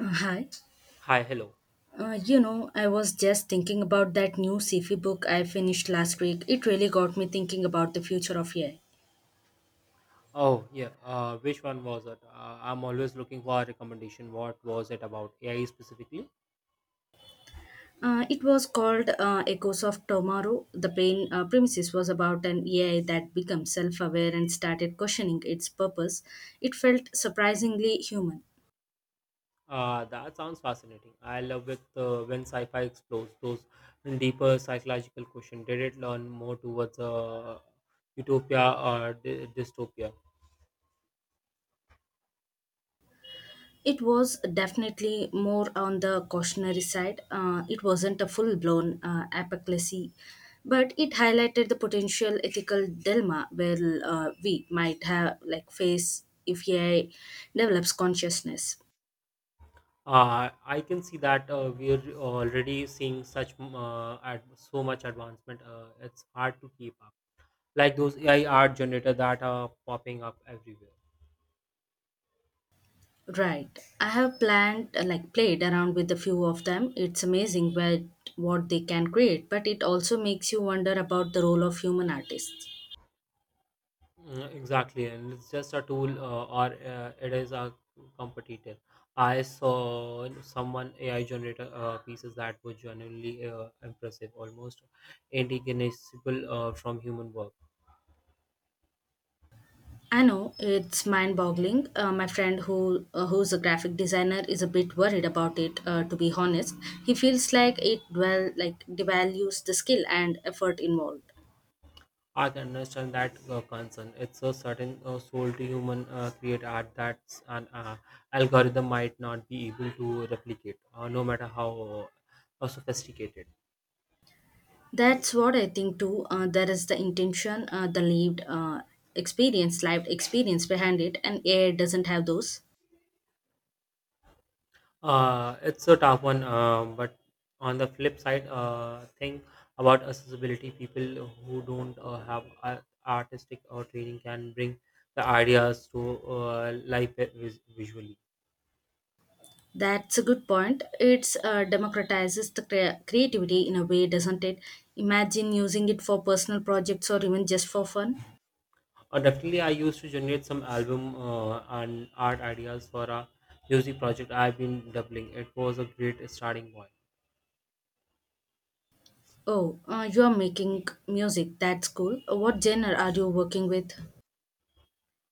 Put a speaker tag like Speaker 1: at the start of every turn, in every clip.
Speaker 1: Hi.
Speaker 2: Hi, hello.
Speaker 1: I was just thinking about that new sci-fi book I finished last week. It really got me thinking about the future of AI.
Speaker 2: Oh, yeah. Which one was it? I'm always looking for a recommendation. What was it about AI specifically?
Speaker 1: It was called Echoes of Tomorrow. The plain premises was about an AI that becomes self-aware and started questioning its purpose. It felt surprisingly human.
Speaker 2: That sounds fascinating. I love it when sci-fi explores those deeper psychological questions. Did it learn more towards utopia or dystopia?
Speaker 1: It was definitely more on the cautionary side. It wasn't a full blown apocalypse, but it highlighted the potential ethical dilemma where we might have like face if AI develops consciousness.
Speaker 2: I can see that we're already seeing such so much advancement. It's hard to keep up. Like those AI art generator that are popping up everywhere.
Speaker 1: Right. I have planned like Played around with a few of them. It's amazing what they can create, but it also makes you wonder about the role of human artists.
Speaker 2: Exactly, and it's just a tool, or it is a competitor. I saw someone AI generator pieces that were genuinely impressive, almost indistinguishable from human work.
Speaker 1: I know it's mind-boggling. My friend, who who's a graphic designer, is a bit worried about it. To be honest, he feels like it like devalues the skill and effort involved.
Speaker 2: I can understand that concern. It's a certain soul to human create art that an algorithm might not be able to replicate, no matter how sophisticated.
Speaker 1: That's what I think too. There is the intention, the lived experience behind it, and AI doesn't have those.
Speaker 2: It's a tough one, but on the flip side, think about accessibility. People who don't have artistic or training can bring the ideas to life visually.
Speaker 1: That's a good point. It's democratizes the creativity in a way, doesn't it? Imagine using it for personal projects or even just for fun.
Speaker 2: Definitely, I used to generate some album and art ideas for a music project I've been doubling. It was a great starting point.
Speaker 1: Oh, you're making music. That's cool. What genre are you working with?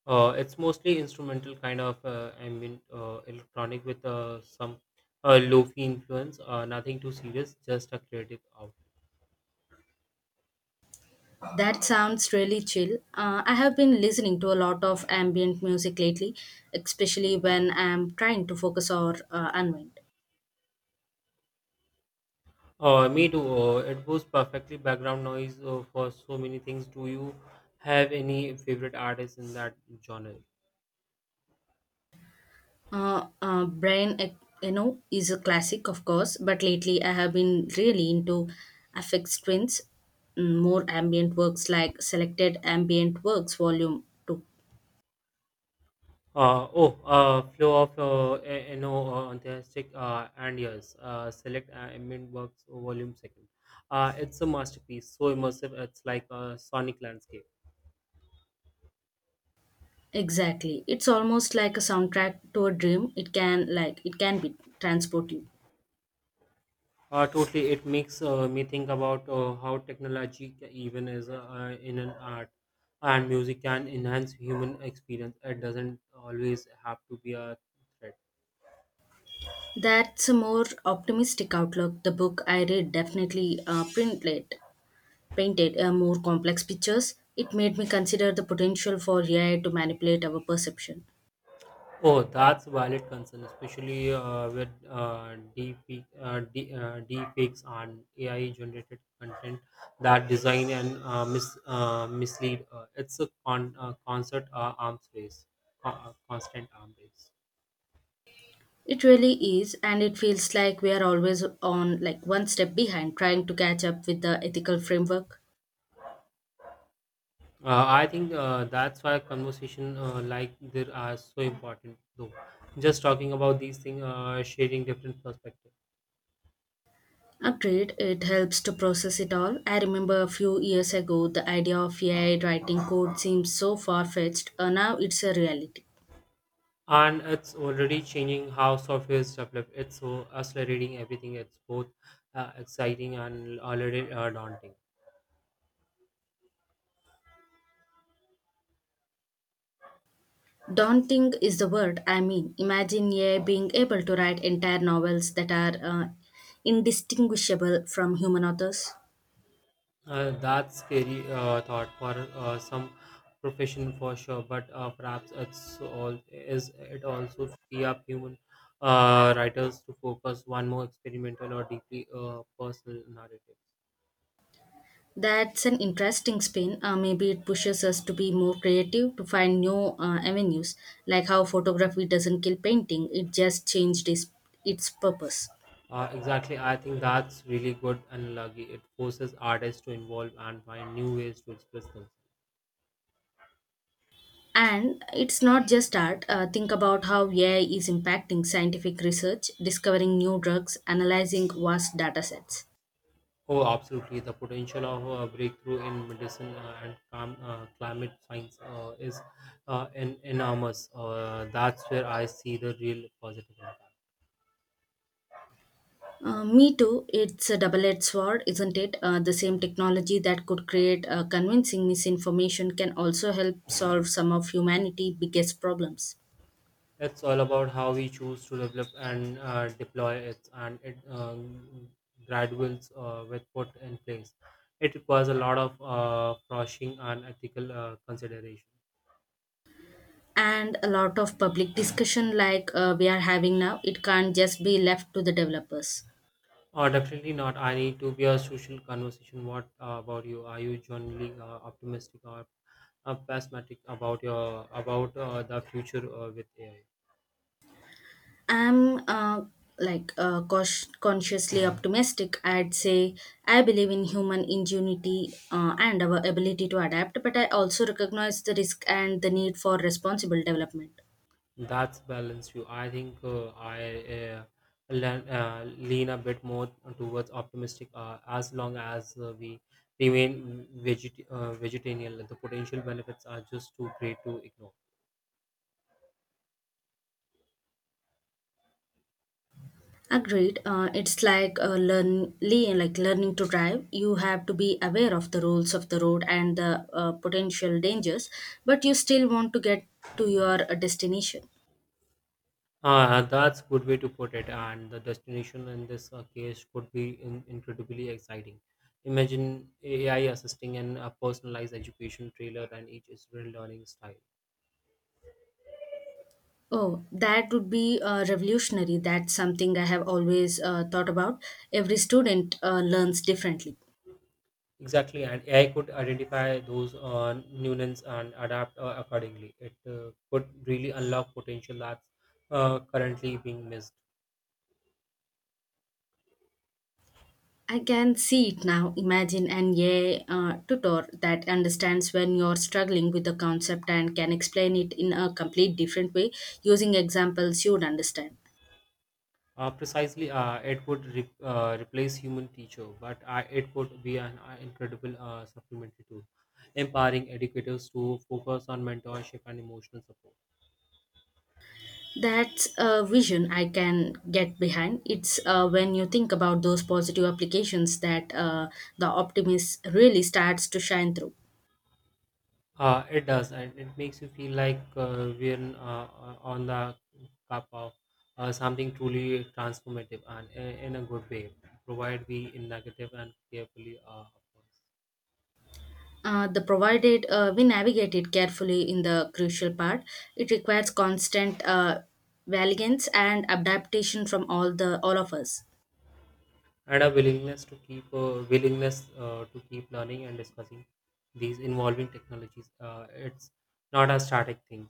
Speaker 2: It's mostly instrumental kind of ambient electronic with some lofi influence. Nothing too serious, just a creative out.
Speaker 1: That sounds really chill. I have been listening to a lot of ambient music lately, especially when I'm trying to focus or unwind.
Speaker 2: Me too. It was perfectly background noise for so many things. Do you have any favorite artists in that genre?
Speaker 1: Uh, uh, Brian Ec- Eno is a classic, of course, but lately I have been really into Affect Twins, mm, more ambient works like Selected Ambient Works Volume 2.
Speaker 2: Oh, flow of enthusiastic and yes, select ambient works volume second. It's a masterpiece, so immersive. It's like a sonic landscape.
Speaker 1: Exactly. It's almost like a soundtrack to a dream. It can like it can be transport you.
Speaker 2: Totally, it makes me think about how technology, even as in an art and music, can enhance human experience. It doesn't always have to be a threat.
Speaker 1: That's a more optimistic outlook. The book I read definitely printed painted more complex pictures. It made me consider the potential for AI to manipulate our perception.
Speaker 2: Oh, that's valid concern, especially with deepfakes and AI-generated content that design and mislead. It's a con- concert arms race, co- constant arms race.
Speaker 1: It really is, and it feels like we are always on like one step behind, trying to catch up with the ethical framework.
Speaker 2: I think that's why conversation like there are so important though. Just talking about these things, sharing different perspectives,
Speaker 1: Agreed, it helps to process it all. I remember a few years ago, the idea of AI writing code seemed so far fetched, and now it's a reality.
Speaker 2: and it's already changing how software is developed. It's so accelerating everything. It's both exciting and a little daunting.
Speaker 1: Daunting is the word, I mean. Imagine AI being able to write entire novels that are indistinguishable from human authors.
Speaker 2: That's scary thought for some profession for sure, but perhaps it's all is it also free up human writers to focus one more experimental or deeply personal narrative.
Speaker 1: That's an interesting spin. Maybe it pushes us to be more creative, to find new avenues, like how photography doesn't kill painting, it just changed its purpose.
Speaker 2: Exactly, I think that's really good and lucky. It forces artists to involve and find new ways to express themselves.
Speaker 1: And it's not just art. Think about how AI is impacting scientific research, discovering new drugs, analyzing vast data sets.
Speaker 2: Oh, absolutely. The potential of a breakthrough in medicine and climate science is enormous. That's where I see the real positive impact.
Speaker 1: Me too, it's a double edged sword, isn't it? The same technology that could create convincing misinformation can also help solve some of humanity's biggest problems.
Speaker 2: It's all about how we choose to develop and deploy it, and it graduates with put in place. It requires a lot of caution and ethical consideration.
Speaker 1: And a lot of public discussion, like we are having now, it can't just be left to the developers.
Speaker 2: Oh, definitely not. I need to be a social conversation. What about you? Are you generally optimistic or pessimistic about your about the future with AI?
Speaker 1: I'm consciously optimistic. I'd say I believe in human ingenuity and our ability to adapt, but I also recognize the risk and the need for responsible development.
Speaker 2: That's balance you. I think I uh, lean a bit more towards optimistic. As long as we remain vegetarian, the potential benefits are just too great to ignore.
Speaker 1: Agreed. It's like like learning to drive. You have to be aware of the rules of the road and the potential dangers, but you still want to get to your destination.
Speaker 2: That's good way to put it. And the destination in this case could be incredibly exciting. Imagine AI assisting in a personalized education trailer and each student learning style.
Speaker 1: Oh, that would be revolutionary. That's something I have always thought about. Every student learns differently.
Speaker 2: Exactly, and AI could identify those nuances and adapt accordingly. It could really unlock potential that's currently being missed.
Speaker 1: I can see it now. Imagine an AI tutor that understands when you're struggling with the concept and can explain it in a complete different way using examples you'd understand.
Speaker 2: Precisely, it would replace human teacher, but it could be an incredible supplementary tool, empowering educators to focus on mentorship and emotional support.
Speaker 1: That's a vision I can get behind. It's when you think about those positive applications that the optimist really starts to shine through.
Speaker 2: It does, and it makes you feel like we're on the cup of something truly transformative and in a good way, provided we in negative and carefully. Of course.
Speaker 1: The provided we navigate it carefully in the crucial part, it requires constant valiance and adaptation from all of us.
Speaker 2: And a willingness to keep learning and discussing these involving technologies it's not a static thing.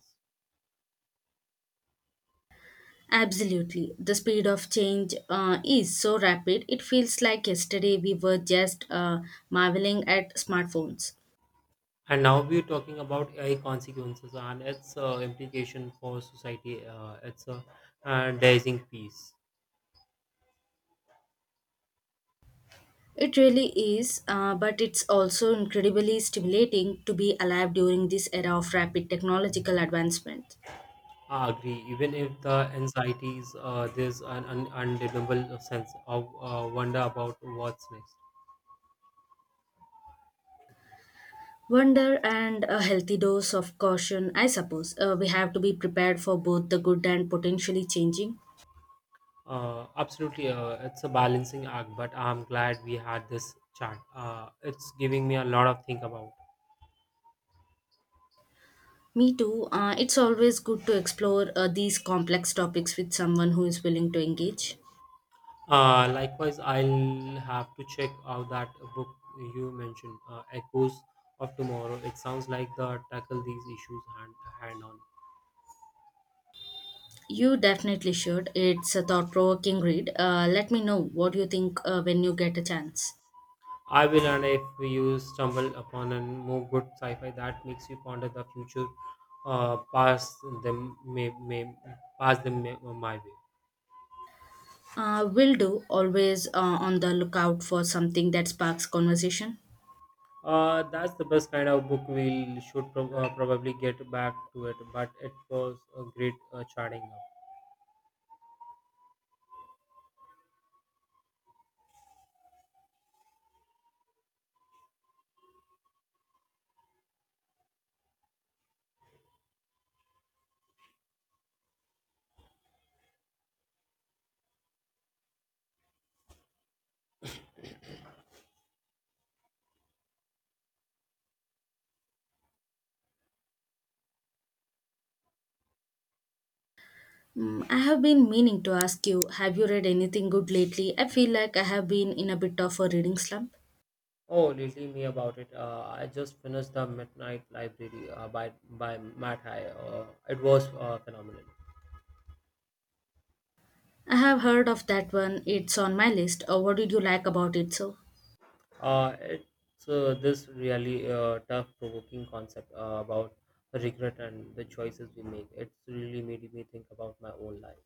Speaker 1: Absolutely, the speed of change is so rapid. It feels like yesterday we were just marveling at smartphones.
Speaker 2: And now we're talking about AI consequences and its implication for society it's a dazing piece.
Speaker 1: It really is, but it's also incredibly stimulating to be alive during this era of rapid technological advancement.
Speaker 2: I agree. Even if the anxieties, there's an undeniable sense of wonder about what's next.
Speaker 1: Wonder and a healthy dose of caution, I suppose. We have to be prepared for both the good and potentially changing.
Speaker 2: Absolutely, it's a balancing act, but I'm glad we had this chat. It's giving me a lot of think about.
Speaker 1: Me too. It's always good to explore these complex topics with someone who is willing to engage.
Speaker 2: Likewise, I'll have to check out that book you mentioned, Echoes of Tomorrow. It sounds like the tackle these issues hand on.
Speaker 1: You definitely should. It's a thought provoking read. Let me know what you think when you get a chance.
Speaker 2: I will, and if you stumble upon a more good sci-fi that makes you ponder the future, uh, pass them may may pass them may, my way.
Speaker 1: Will do. Always on the lookout for something that sparks conversation.
Speaker 2: That's the best kind of book we should probably get back to it, but it was a great chatting up.
Speaker 1: Mm, I have been meaning to ask you, have you read anything good lately? I feel like I have been in a bit of a reading slump.
Speaker 2: Oh, little me about it. I just finished The Midnight Library by Matt High. It was phenomenal.
Speaker 1: I have heard of that one, it's on my list. What did you like about it so?
Speaker 2: It's this really tough provoking concept about regret and the choices we make. It's really made me think about my own life.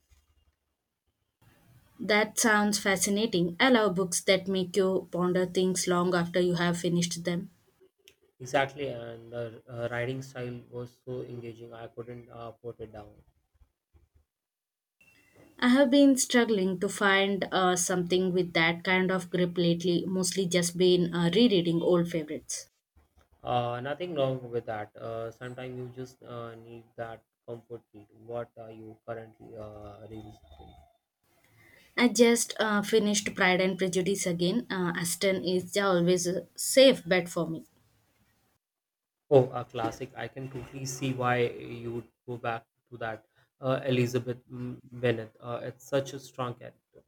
Speaker 1: That sounds fascinating. I love books that make you ponder things long after you have finished them.
Speaker 2: Exactly, and the writing style was so engaging, I couldn't put it down.
Speaker 1: I have been struggling to find something with that kind of grip lately, mostly just been rereading old favorites.
Speaker 2: Nothing wrong with that. Sometimes you just need that comfort need. What are you currently revisiting?
Speaker 1: I just finished Pride and Prejudice again. Aston is the always a safe bet for me.
Speaker 2: Oh, a classic. I can totally see why you would go back to that. Elizabeth Bennet. It's such a strong character.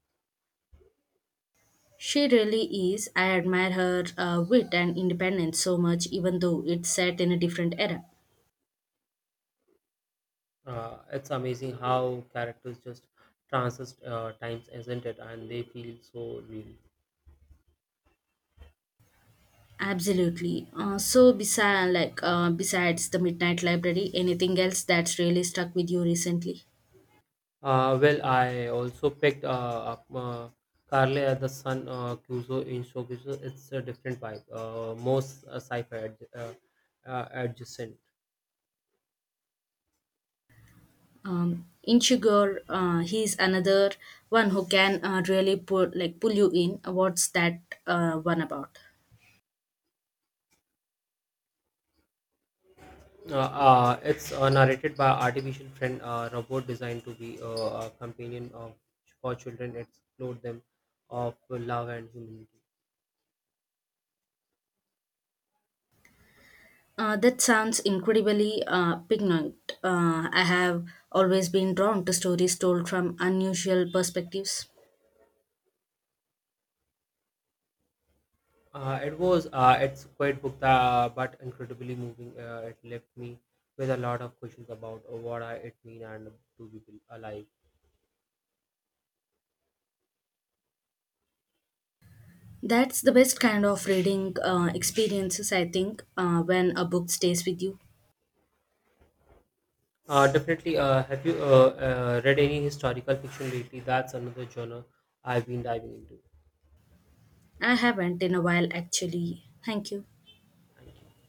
Speaker 1: She really is. I admire her wit and independence so much, even though it's set in a different era.
Speaker 2: It's amazing how characters just transist times, isn't it? And they feel so real.
Speaker 1: Absolutely. So, besides, besides the Midnight Library, anything else that's really stuck with you recently?
Speaker 2: Well, I also picked up Carly the Sun Cuso in Showcase. It's a different vibe, most adjacent.
Speaker 1: Inchigur, he's another one who can really pull you in. What's that one about?
Speaker 2: It's narrated by artificial friend robot designed to be a companion of, for children. Explore them of love and humanity.
Speaker 1: That sounds incredibly poignant. I have always been drawn to stories told from unusual perspectives.
Speaker 2: It's quite book but incredibly moving. It left me with a lot of questions about what I, it mean and to be alive.
Speaker 1: That's the best kind of reading experiences, I think, when a book stays with you.
Speaker 2: Definitely. Have you read any historical fiction lately? That's another genre I've been diving into.
Speaker 1: I haven't in a while, actually. Thank you.
Speaker 2: Thank you.